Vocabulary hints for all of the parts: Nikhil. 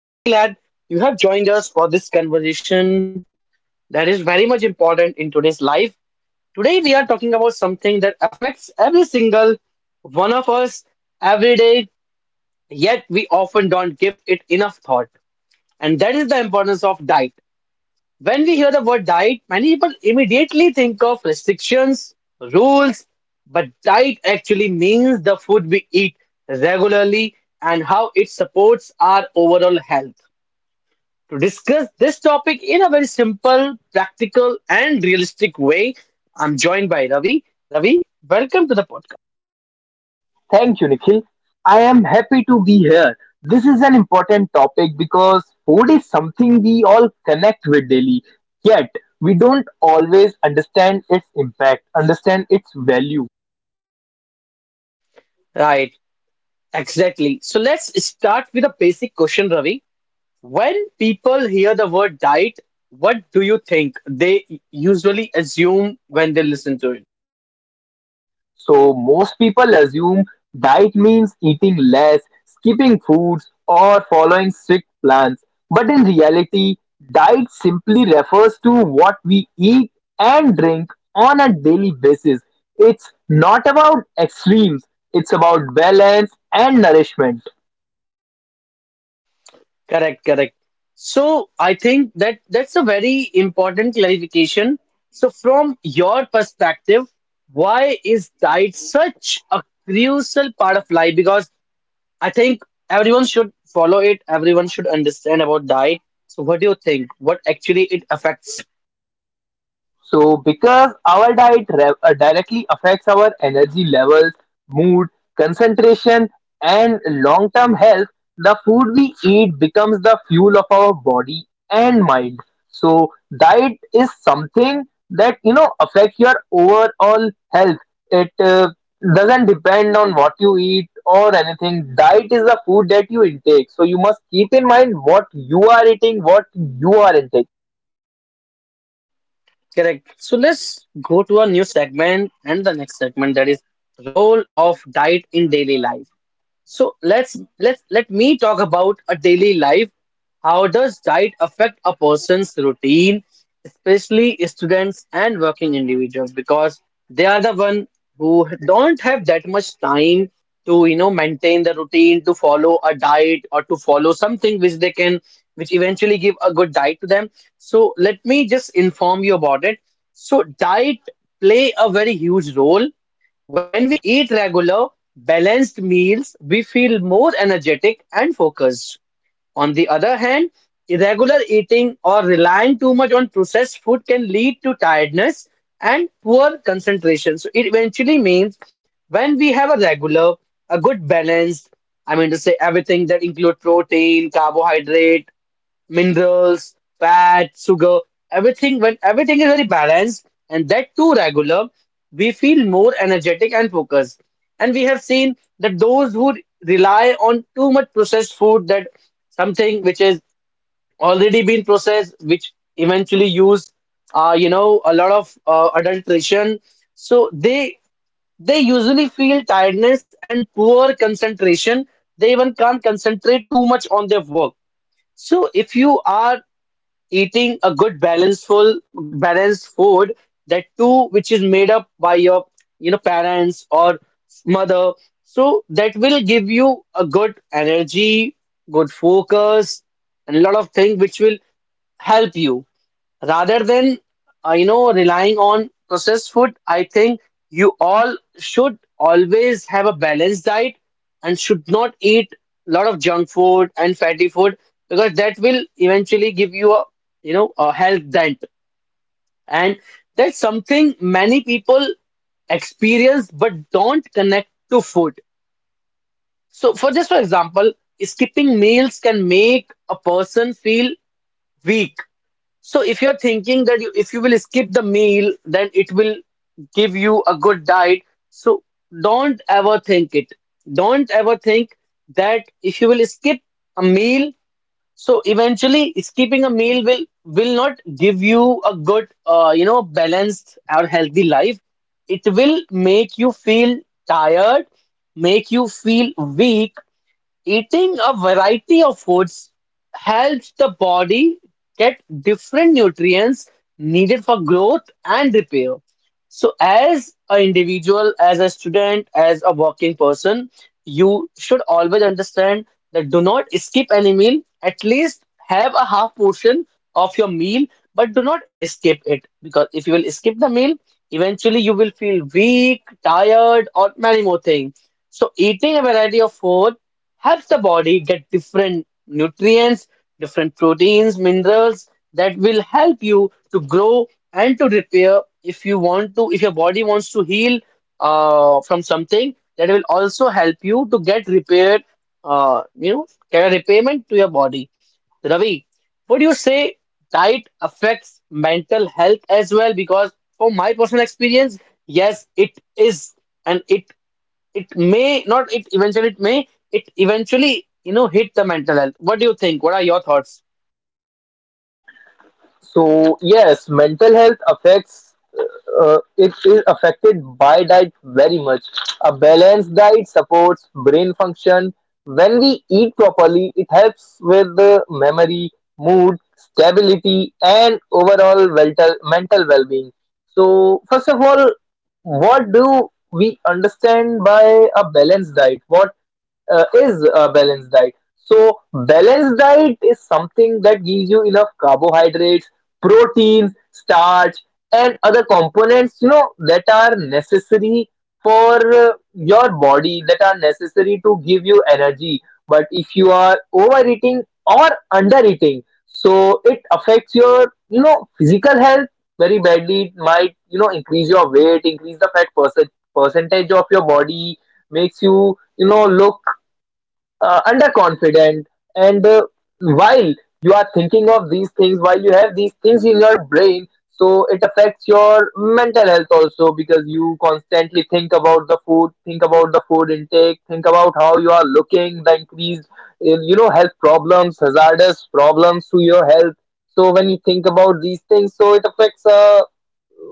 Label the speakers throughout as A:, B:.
A: and I'm really glad you have joined us for this conversation that is very much important in today's life. Today, we are talking about something that affects every single one of us every day, yet we often don't give it enough thought, and that is the importance of diet. When we hear the word diet, many people immediately think of restrictions, rules, but diet actually means the food we eat regularly and how it supports our overall health. To discuss this topic in a very simple, practical, and realistic way, I'm joined by Ravi. Ravi, welcome to the podcast.
B: Thank you, Nikhil. I am happy to be here. This is an important topic because food is something we all connect with daily, yet we don't always understand its impact, understand its value.
A: Right, exactly. So let's start with a basic question, Ravi. When people hear the word diet, what do you think they usually assume when they listen to it?
B: So most people assume diet means eating less, skipping foods, or following strict plans. But in reality, diet simply refers to what we eat and drink on a daily basis. It's not about extremes, it's about balance and nourishment.
A: Correct, correct. So I think that's a very important clarification. So from your perspective, why is diet such a crucial part of life? Because I think everyone should follow it, everyone should understand about diet. So what do you think? What actually it affects?
B: So, because our directly affects our energy levels, mood, concentration, and long term health, the food we eat becomes the fuel of our body and mind. So, diet is something that affects your overall health. It doesn't depend on what you eat or anything. Diet is the food that you intake. So, you must keep in mind what you are eating, what you are intaking.
A: Correct. So let's go to a new segment, and the next segment, that is role of diet in daily life. So let me talk about a daily life. How does diet affect a person's routine, especially students and working individuals, because they are the one who don't have that much time to you know maintain the routine, to follow a diet or to follow something which they can, which eventually give a good diet to them. So let me just inform you about it. So diet play a very huge role. When we eat regular, balanced meals, we feel more energetic and focused. On the other hand, irregular eating or relying too much on processed food can lead to tiredness and poor concentration. So it eventually means, when we have a regular, a good balanced, I mean to say everything that include protein, carbohydrate, minerals, fat, sugar, everything, when everything is very balanced and that too regular, we feel more energetic and focused. And we have seen that those who rely on too much processed food, that something which is already been processed, which eventually use you know a lot of adulteration, so they usually feel tiredness and poor concentration. They even can't concentrate too much on their work. So if you are eating a good balanceful balanced food, that too which is made up by your you know parents or mother, so that will give you a good energy, good focus, and a lot of things which will help you, rather than you know relying on processed food. I think you all should always have a balanced diet and should not eat a lot of junk food and fatty food, because that will eventually give you a you know a health dent. And that's something many people experience but don't connect to food. So for just for example, skipping meals can make a person feel weak. So if you're thinking that you, if you will skip the meal, then it will give you a good diet. So don't ever think it. Don't ever think that if you will skip a meal, so eventually skipping a meal will not give you a good, you know, balanced or healthy life. It will make you feel tired, make you feel weak. Eating a variety of foods helps the body get different nutrients needed for growth and repair. So, as an individual, as a student, as a working person, you should always understand that do not skip any meal. At least have a half portion of your meal, but do not skip it, because if you will skip the meal, eventually you will feel weak, tired, or many more things. So, eating a variety of food helps the body get different nutrients, different proteins, minerals that will help you to grow and to repair. If you want to, if your body wants to heal from something, that will also help you to get repaired, you know, get a repayment to your body. Ravi, would you say diet affects mental health as well? Because from my personal experience, yes, it is, and it may not, it eventually it may, it eventually you know hit the mental health. What do you think? What are your thoughts?
B: So yes, mental health affects it is affected by diet very much. A balanced diet supports brain function. When we eat properly, it helps with the memory, mood, stability, and overall mental well-being. So first of all, what do we understand by a balanced diet? What is a balanced diet. So balanced diet is something that gives you enough carbohydrates, proteins, starch, and other components that are necessary for your body that are necessary to give you energy. But if you are overeating or undereating, so it affects your physical health very badly. It might increase your weight, increase the fat percentage of your body, makes you you know look underconfident and while you are thinking of these things, while you have these things in your brain, so it affects your mental health also, because you constantly think about the food, think about the food intake, think about how you are looking, the increased health problems, hazardous problems to your health. So when you think about these things, so it affects uh,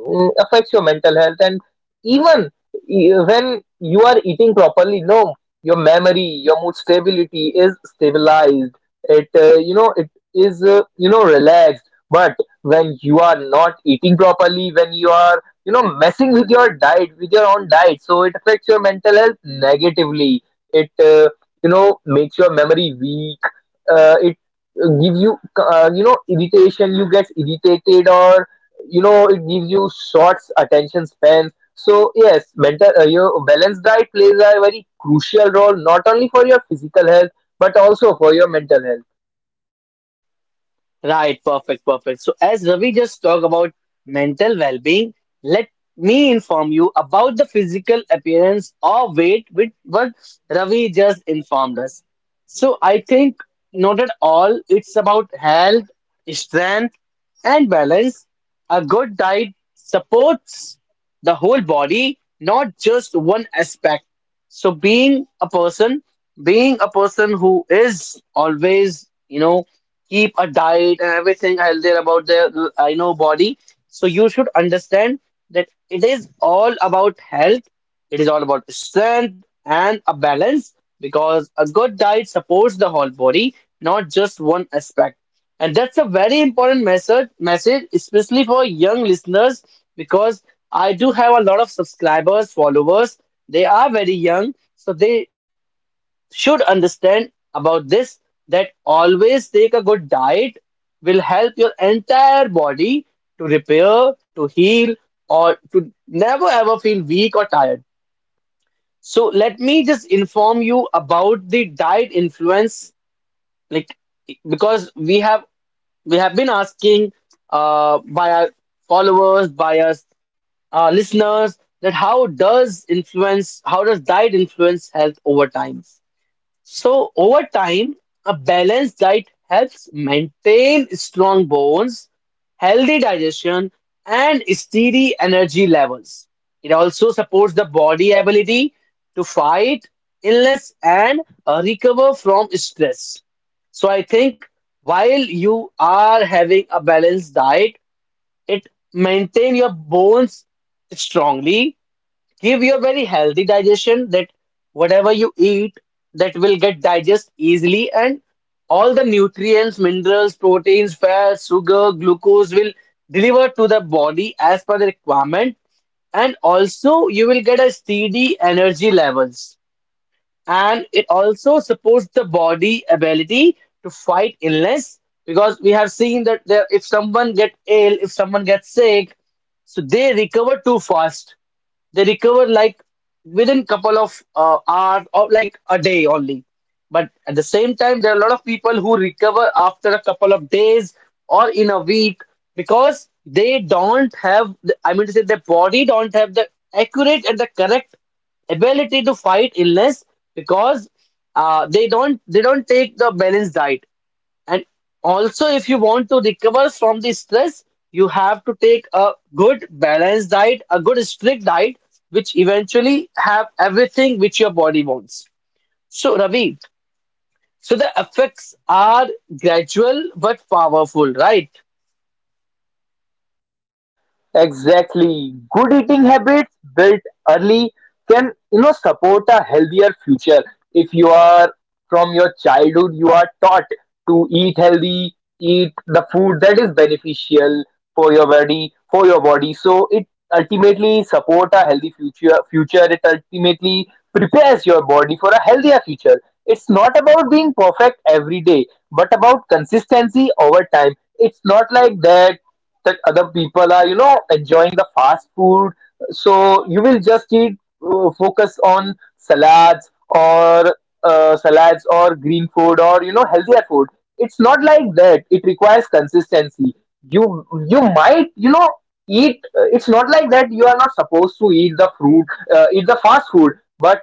B: mm, affects your mental health. And even when you are eating properly, no, your memory, your mood stability is stabilized. It you know it is you know relaxed. But when you are not eating properly, when you are messing with your diet, with your own diet, so it affects your mental health negatively. It makes your memory weak. It gives you you know irritation. You get irritated, or it gives you short attention spans. So yes, mental your balanced diet plays a very crucial role, not only for your physical health but also for your mental health.
A: Right, perfect, perfect. So, as Ravi just talked about mental well being, let me inform you about the physical appearance or weight, with what Ravi just informed us. So, I think not at all, it's about health, strength, and balance. A good diet supports the whole body, not just one aspect. So, being a person who is always you know keep a diet and everything healthy about their I know body, so you should understand that it is all about health, it is all about strength and a balance, because a good diet supports the whole body, not just one aspect. And that's a very important message, especially for young listeners, because I do have a lot of subscribers, followers. They are very young, so they should understand about this, that always take a good diet will help your entire body to repair, to heal, or to never ever feel weak or tired. So let me just inform you about the diet influence, like because we have been asking by our followers, by us listeners, that how does influence, how does diet influence health over time? So, over time, a balanced diet helps maintain strong bones, healthy digestion, and steady energy levels. It also supports the body ability to fight illness and recover from stress. So, I think while you are having a balanced diet, it maintain your bones strongly, give your very healthy digestion, that whatever you eat, that will get digest easily, and all the nutrients, minerals, proteins, fats, sugar, glucose will deliver to the body as per the requirement. And also you will get a steady energy levels, and it also supports the body ability to fight illness, because we have seen that there, if someone get ill, if someone gets sick, so they recover too fast. They recover like within couple of hours or like a day only. But at the same time, there are a lot of people who recover after a couple of days or in a week, because they don't have, the, I mean to say, their body don't have the accurate and the correct ability to fight illness, because they don't take the balanced diet. And also, if you want to recover from the stress, you have to take a good balanced diet, a good strict diet, which eventually have everything which your body wants. So, Ravi, so the effects are gradual but powerful, right?
B: Exactly. Good eating habits built early can, you know, support a healthier future. If you are from your childhood, you are taught to eat healthy, eat the food that is beneficial for your body, for your body. So it ultimately support a healthy future. Future it ultimately prepares your body for a healthier future. It's not about being perfect every day, but about consistency over time. It's not like that that other people are enjoying the fast food, so you will just eat, focus on salads, or salads or green food or healthier food. It's not like that, it requires consistency. You you might you know eat it's not like that you are not supposed to eat the fruit eat the fast food, but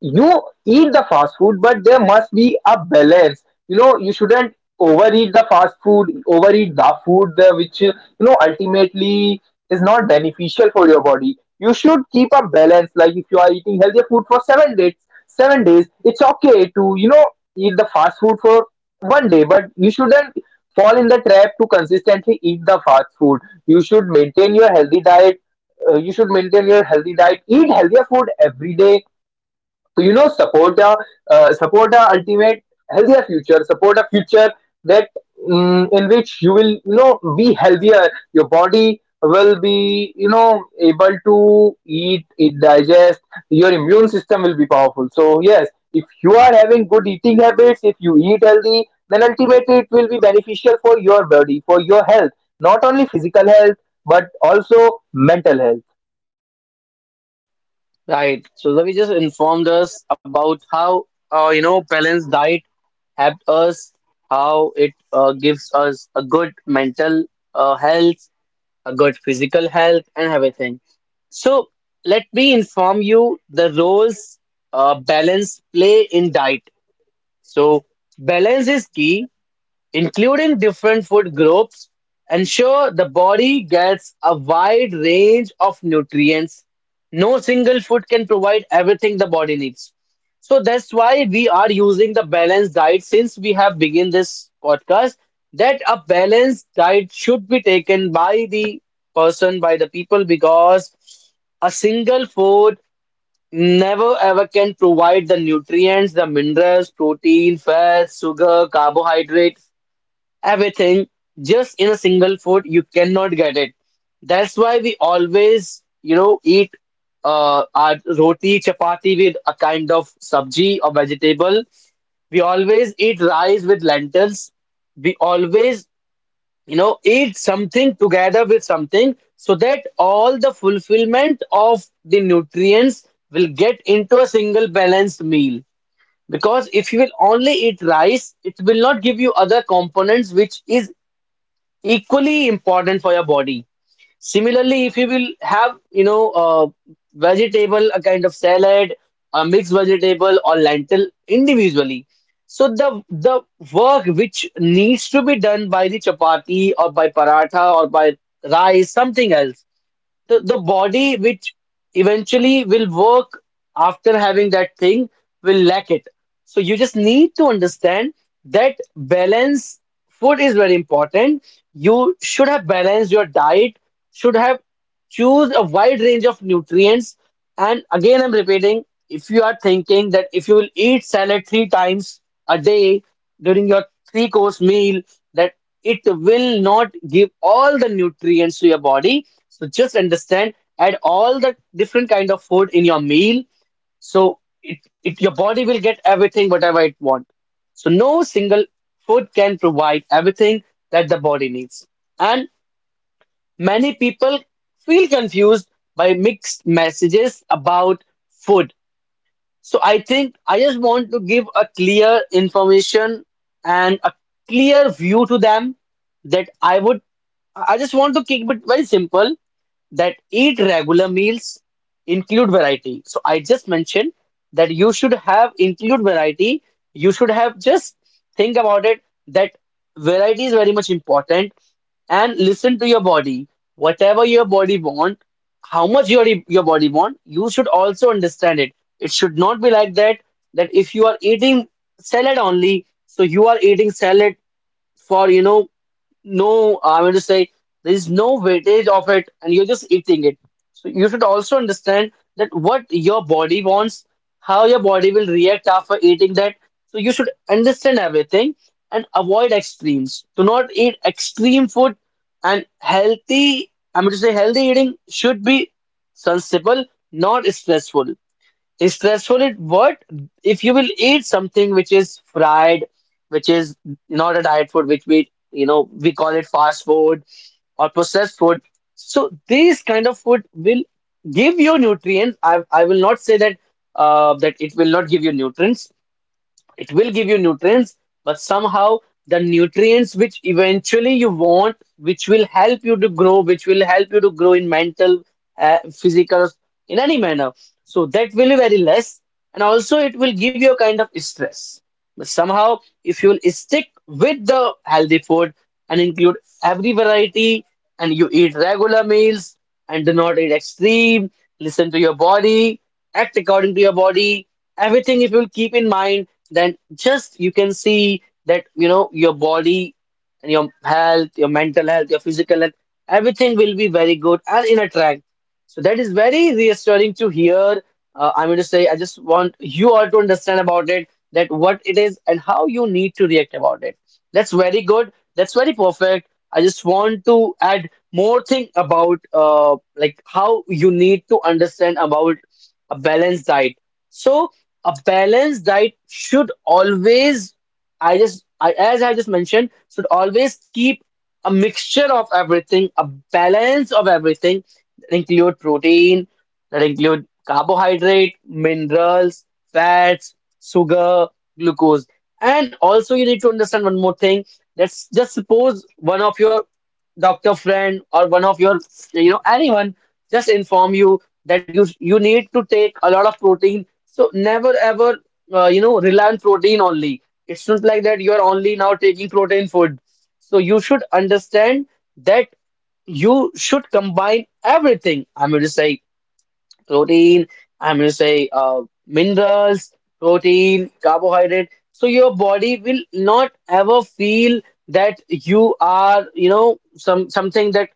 B: you eat the fast food, but there must be a balance. You know, you shouldn't overeat the fast food, overeat the food there, which ultimately is not beneficial for your body. You should keep a balance. Like if you are eating healthier food for seven days, it's okay to eat the fast food for one day, but you shouldn't fall in the trap to consistently eat the fast food. You should maintain your healthy diet. Eat healthier food every day so support a ultimate healthier future. Support a future that in which you will be healthier. Your body will be able to eat, it digest. Your immune system will be powerful. So yes, if you are having good eating habits, if you eat healthy, then ultimately it will be beneficial for your body, for your health, not only physical health but also mental health.
A: Right. So Ravi just informed us about how you know balanced diet helped us, how it gives us a good mental health, a good physical health, and everything. So, let me inform you the roles balance play in diet. So, balance is key. Including different food groups ensure the body gets a wide range of nutrients. No single food can provide everything the body needs. So that's why we are using the balanced diet since we have begun this podcast, that a balanced diet should be taken by the person, by the people, because a single food never ever can provide the nutrients, the minerals, protein, fats, sugar, carbohydrate, everything, just in a single food you cannot get it. That's why we always you know eat our roti chapati with a kind of sabji or vegetable, we always eat rice with lentils, we always you know eat something together with something, so that all the fulfillment of the nutrients will get into a single balanced meal. Because if you will only eat rice, it will not give you other components which is equally important for your body. Similarly, if you will have, you know, vegetable, a kind of salad, a mixed vegetable or lentil individually. So the work which needs to be done by the chapati or by paratha or by rice, something else the body which eventually will work after having that thing will lack it. So you just need to understand that balance food is very important. You should have balanced your diet, should have choose a wide range of nutrients. And again, I'm repeating, if you are thinking that if you will eat salad three times a day during your three course meal, that it will not give all the nutrients to your body, so just understand, add all the different kind of food in your meal, so it your body will get everything whatever it want. So no single food can provide everything that the body needs. And many people feel confused by mixed messages about food. So I think I just want to give a clear information and a clear view to them, that I just want to keep it very simple, that eat regular meals, include variety. So I just mentioned that you should have include variety. You should have just think about it that variety is very much important, and listen to your body. Whatever your body want, how much your body want, you should also understand it. It should not be like that, that if you are eating salad only, so you are eating salad for no, I mean to say, there is no weightage of it and you're just eating it. So you should also understand that what your body wants, how your body will react after eating that. So you should understand everything and avoid extremes. Do not eat extreme food. And healthy, I mean to say, healthy eating should be sensible, not stressful. Stressful it what? If you will eat something which is fried, which is not a diet food, which we, you know, we call it fast food or processed food. So these kind of food will give you nutrients. I will not say that that it will not give you nutrients, it will give you nutrients, but somehow the nutrients which eventually you want, which will help you to grow, which will help you to grow in mental, physical, in any manner, so that will be very less. And also it will give you a kind of stress. But somehow, if you'll stick with the healthy food and include every variety, and you eat regular meals and do not eat extreme, listen to your body, act according to your body, everything if you'll keep in mind, then just you can see that, you know, your body and your health, your mental health, your physical health, everything will be very good and in a track. So that is very reassuring to hear. I'm going to say, I just want you all to understand about it, that what it is and how you need to react about it. That's very good. That's very perfect. I just want to add more thing about like how you need to understand about a balanced diet. So a balanced diet should always, as I just mentioned, should always keep a mixture of everything, a balance of everything, that include protein, that include carbohydrate, minerals, fats, sugar, glucose. And also you need to understand one more thing. Let's just suppose one of your doctor friend or one of your, you know, anyone just inform you that you need to take a lot of protein. So never ever you know, rely on protein only. It's not like that you are only now taking protein food. So you should understand that you should combine everything. I'm going to say protein, I'm going to say minerals, protein, carbohydrate. So your body will not ever feel that you are, you know, something that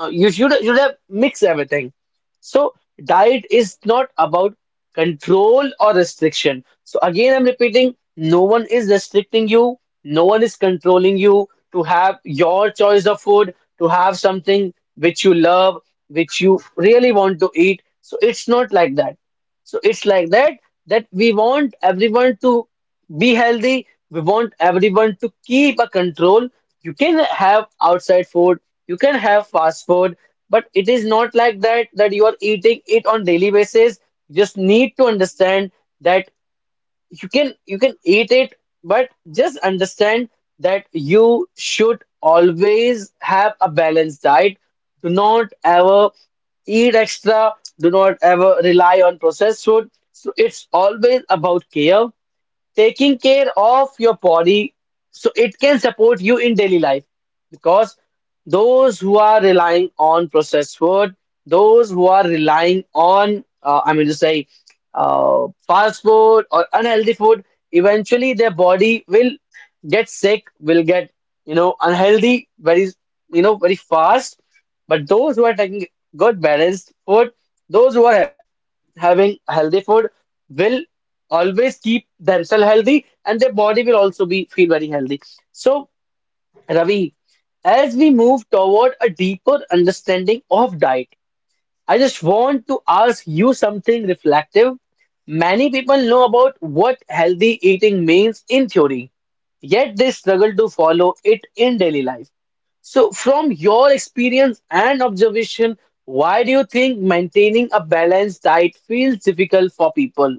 A: you should have mixed everything. So diet is not about control or restriction. So again, I'm repeating, no one is restricting you, no one is controlling you to have your choice of food, to have something which you love, which you really want to eat. So it's not like that. So it's like that, that we want everyone to be healthy. We want everyone to keep a control. You can have outside food, you can have fast food, but it is not like that, that you are eating it on daily basis. You just need to understand that you can eat it, but just understand that you should always have a balanced diet. Do not ever eat extra, do not ever rely on processed food. So it's always about care, taking care of your body so it can support you in daily life. Because those who are relying on processed food, those who are relying on I mean to say, fast food or unhealthy food, eventually their body will get sick, will get, you know, unhealthy very, you know, very fast. But those who are taking good balanced food, those who are having healthy food, will always keep themselves healthy, and their body will also be feel very healthy. So, Ravi, as we move toward a deeper understanding of diet, I just want to ask you something reflective. Many people know about what healthy eating means in theory, yet they struggle to follow it in daily life. So, from your experience and observation, why do you think maintaining a balanced diet feels difficult for people,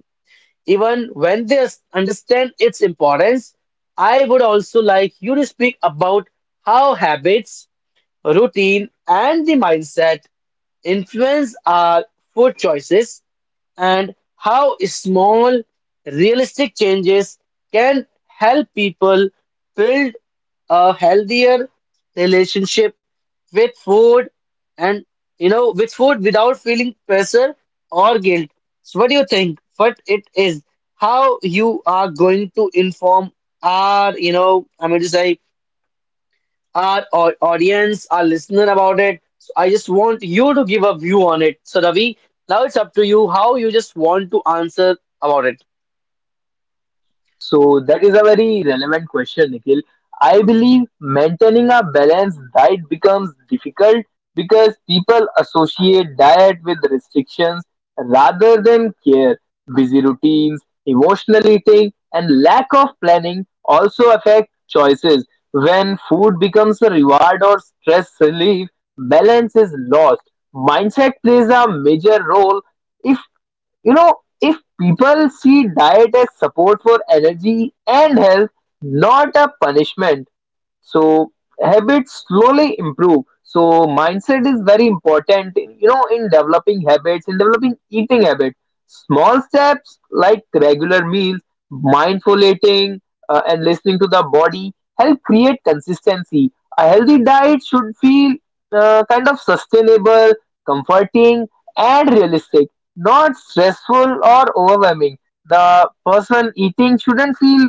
A: even when they understand its importance? I would also like you to speak about how habits, routine, and the mindset influence our food choices, and how small, realistic changes can help people build a healthier relationship with food, and with food without feeling pressure or guilt. So what do you think what it is, how you are going to inform our, you know, I mean to say, our audience, our listener about it. So I just want you to give a view on it. So Ravi, now it's up to you how you just want to answer about it.
B: So that is a very relevant question, Nikhil. I believe maintaining a balanced diet becomes difficult because people associate diet with restrictions rather than care. Busy routines, emotional eating, and lack of planning also affect choices. When food becomes a reward or stress relief, balance is lost. Mindset plays a major role. If you know if people see diet as support for energy and health, not a punishment, so habits slowly improve. So mindset is very important, in developing habits, in developing eating habits. Small steps like regular meals, mindful eating, and listening to the body help create consistency. A healthy diet should feel kind of sustainable, comforting, and realistic, not stressful or overwhelming. The person eating shouldn't feel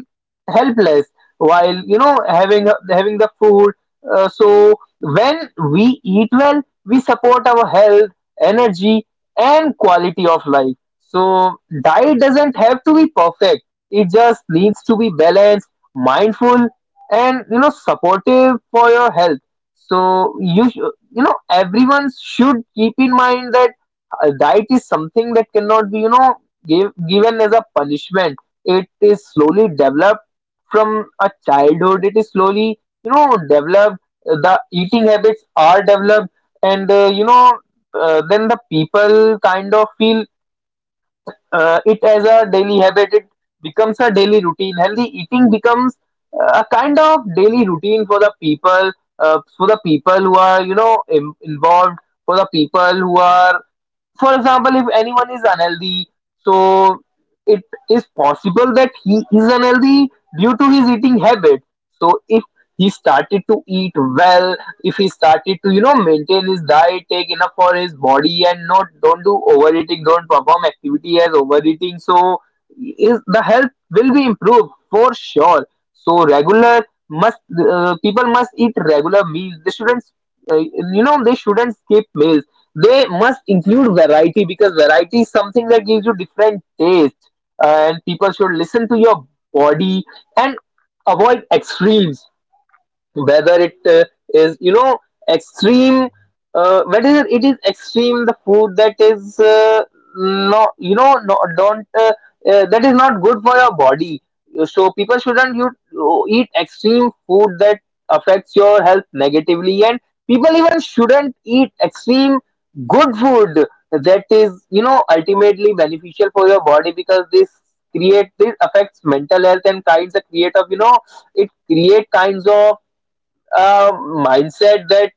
B: helpless while having the food. So when we eat well, we support our health, energy, and quality of life. So diet doesn't have to be perfect, it just needs to be balanced, mindful, and supportive for your health. So you know everyone should keep in mind that diet is something that cannot be given as a punishment. It is slowly developed from a childhood, it is slowly developed. The eating habits are developed, and then the people kind of feel it as a daily habit. It becomes a daily routine. Healthy eating becomes a kind of daily routine for the people, for the people who are involved, for the people who are, for example, if anyone is unhealthy, so it is possible that he is unhealthy due to his eating habit. So if he started to eat well, if he started to maintain his diet, take enough for his body, and not don't do overeating, don't perform activity as overeating, so is the health will be improved for sure. So regular must people must eat regular meals. They shouldn't skip meals. They must include variety, because variety is something that gives you different taste. And people should listen to your body and avoid extremes, whether it is you know extreme whether it is extreme, the food that is not you know no, don't that is not good for your body. So people shouldn't you eat extreme food that affects your health negatively. And people even shouldn't eat extreme good food that is ultimately beneficial for your body, because this affects mental health and kinds of create of you know it create kinds of uh, mindset that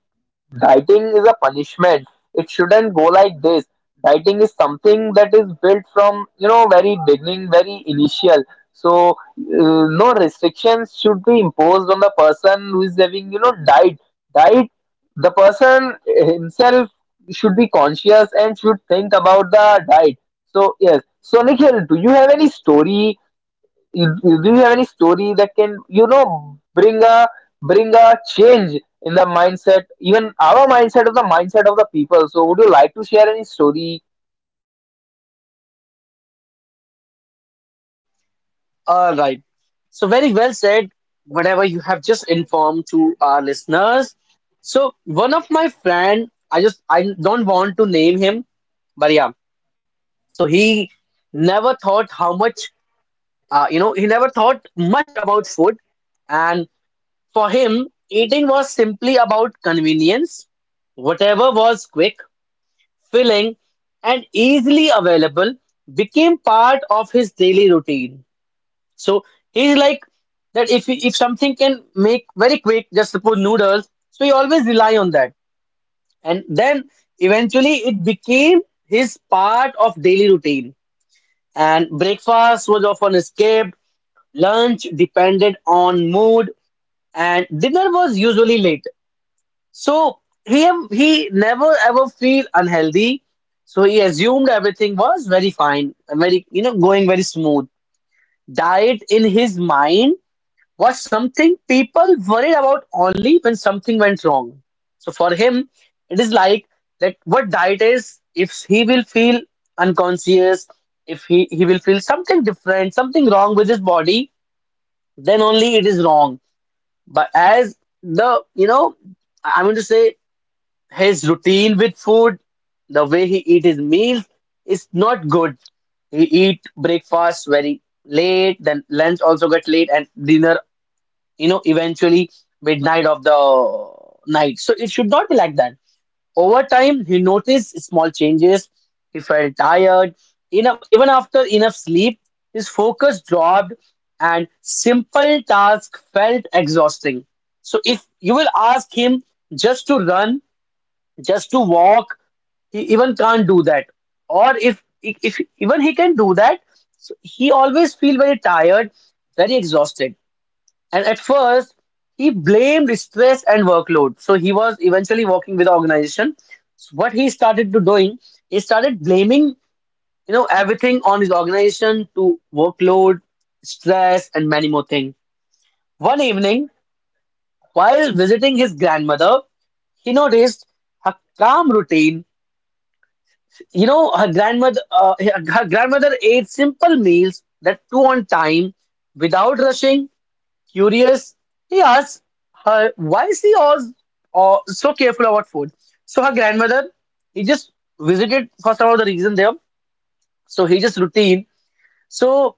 B: dieting is a punishment. It shouldn't go like this. Dieting is something that is built from very beginning, very initial. So no restrictions should be imposed on the person who is having diet. Diet. The person himself should be conscious and should think about the diet. So yes. So Nikhil, do you have any story, do you have any story that can you know bring a bring a change in the mindset, even our mindset of the people? So would you like to share any story?
A: All right. So very well said. Whatever you have just informed to our listeners. So one of my friend, I don't want to name him, but yeah. So he never thought how much, you know, he never thought much about food, and. For him, eating was simply about convenience. Whatever was quick, filling, and easily available became part of his daily routine. So he's like that if something can make very quick, just suppose noodles, so he always rely on that. And then eventually it became his part of daily routine. And breakfast was often escaped, lunch depended on mood, and dinner was usually late. So he never ever feel unhealthy. So he assumed everything was very fine, very, you know, going very smooth. Diet in his mind was something people worried about only when something went wrong. So for him, it is like that what diet is. If he will feel unconscious, if he will feel something different, something wrong with his body, then only it is wrong. But as the, you know, I'm going to say, his routine with food, the way he eat his meals is not good. He eat breakfast very late, then lunch also get late, and dinner, you know, eventually midnight of the night. So it should not be like that. Over time, he noticed small changes. He felt tired. Enough, even after enough sleep, his focus dropped, and simple tasks felt exhausting. So if you will ask him just to run, just to walk, he even can't do that. Or if even he can do that, so he always feel very tired, very exhausted. And at first, he blamed stress and workload. So he was eventually working with the organization. So what he started to doing, he started blaming, you know, everything on his organization to workload, stress, and many more things. One evening, while visiting his grandmother, he noticed her calm routine. You know, her grandmother ate simple meals, that too on time, without rushing. Curious, he asked her why is she all so careful about food. So her grandmother, he just visited first of all the reason there, so he just routine. So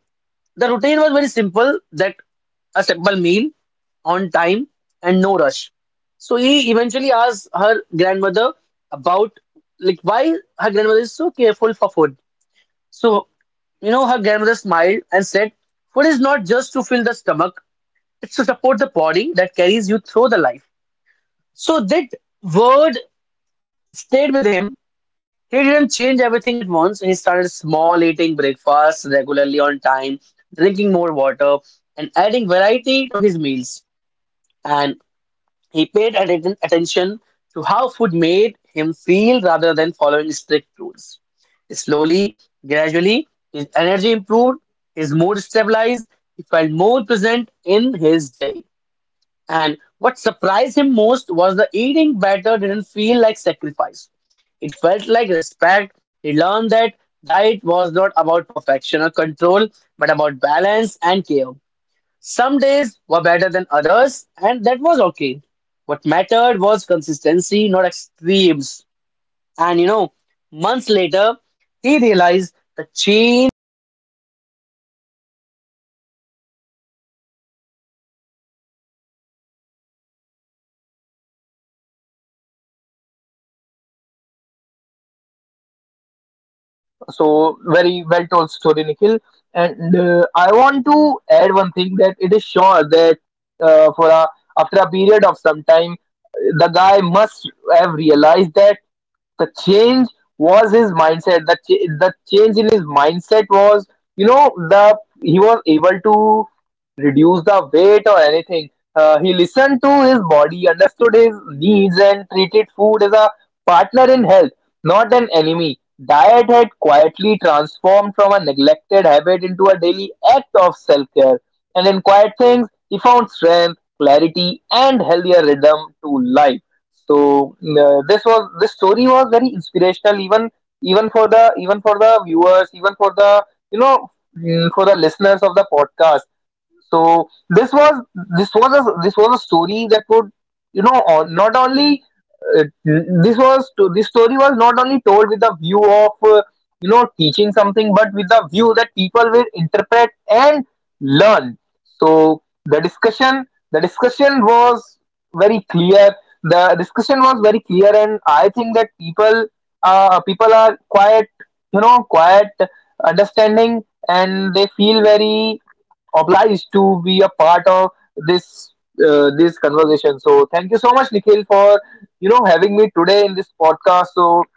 A: the routine was very simple, that a simple meal on time and no rush. So he eventually asked her grandmother about like why her grandmother is so careful for food. So, you know, her grandmother smiled and said, "Food is not just to fill the stomach, it's to support the body that carries you through the life." So that word stayed with him. He didn't change everything at once. He started small, eating breakfast regularly on time, drinking more water, and adding variety to his meals. And he paid attention to how food made him feel rather than following strict rules. Slowly, gradually, his energy improved, his mood stabilized, he felt more present in his day. And what surprised him most was the eating better didn't feel like sacrifice. It felt like respect. He learned that diet was not about perfection or control, but about balance and care. Some days were better than others, and that was okay. What mattered was consistency, not extremes. And you know, months later, he realized the change was not just on his plate, it was in his mindset. He just listened to his body and understand everything and, you know, transform everything about it.
B: So very well told story, Nikhil. And I want to add one thing, that it is sure that for a, after a period of some time, the guy must have realized that the change was his mindset. The change in his mindset was, you know the he was able to reduce the weight or anything. He
A: He listened
B: listened to
A: to
B: his
A: his
B: body,
A: body, understood,
B: understood his needs, and
A: and treated
B: treated
A: food
B: food
A: as
B: as a
A: a
B: partner
A: partner
B: in
A: in
B: health,
A: health, not
B: not an
A: an
B: enemy.
A: enemy. Diet
B: Diet
A: had
B: had quietly
A: quietly
B: transformed
A: transformed from
B: from
A: a
B: a
A: neglected
B: neglected
A: habit
B: habit into
A: into a
B: a daily
A: daily
B: act
A: act of
B: of
A: self
B: self-care.
A: care. And
B: And
A: in
B: in quiet
A: quiet
B: things,
A: things, he
B: he
A: found
B: found
A: strength,
B: strength, clarity,
A: clarity, and
B: and healthier
A: healthier
B: rhythm
A: rhythm
B: to
A: to
B: life.
A: life.
B: So
A: So this was this
B: this story
A: story
B: was
A: was very
B: very
A: inspirational,
B: inspirational, even
A: even even
B: even
A: for
B: for the
A: the
B: viewers,
A: viewers, even
B: even
A: for
B: for the
A: the, you
B: you
A: know,
B: know
A: mm,
B: for
A: for
B: the
A: the listeners
B: listeners
A: of
B: of the
A: the
B: podcast.
A: podcast.
B: So
A: So this was, this was a this
B: this
A: was
B: was
A: a
B: a story
A: story
B: that
A: that
B: would,
A: would,
B: you
A: you know,
B: know
A: or
B: or
A: not
B: not only
A: only
B: uh,
A: it,
B: this was to this
A: this
B: story
A: story
B: was
A: was
B: not
A: not
B: only told with the view of teaching something, but with the view that people will
A: read
B: interpret and
A: and
B: learn.
A: learned. So
B: So
A: the discussion,
B: the
A: the discussion
B: discussion was
A: was
B: very
A: very
B: clear
A: clear.
B: the
A: The
B: discussion
A: discussion
B: was
A: was
B: very
A: very
B: clear,
A: clear
B: and
A: and
B: I
A: I
B: think
A: think
B: that
A: that people,
B: people, people
A: people are
B: are quite,
A: quite, you know, quiet.
B: quite understanding, and they feel very obliged to be a part of this this conversation. So thank you so much,
A: Nikhil,
B: Nikhil,
A: for,
B: for
A: you know, having
B: having
A: me
B: me
A: today
B: today
A: in
B: in this
A: this
B: podcast.
A: podcast.
B: So
A: So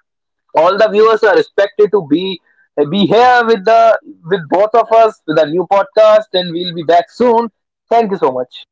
A: all
B: all
A: the
B: the
A: viewers
B: viewers
A: are
B: are
A: expected
B: expected
A: to
B: to
A: be be
B: be
A: here
B: here
A: with
B: with
A: the,
B: the, with
A: with
B: both
A: both of
B: of us
A: us with
B: with
A: a
B: a
A: new
B: new podcast,
A: podcast, and
B: and
A: we'll
B: we'll be
A: be back
B: back soon.
A: soon. Thank
B: Thank
A: you
B: you so
A: so much.
B: much.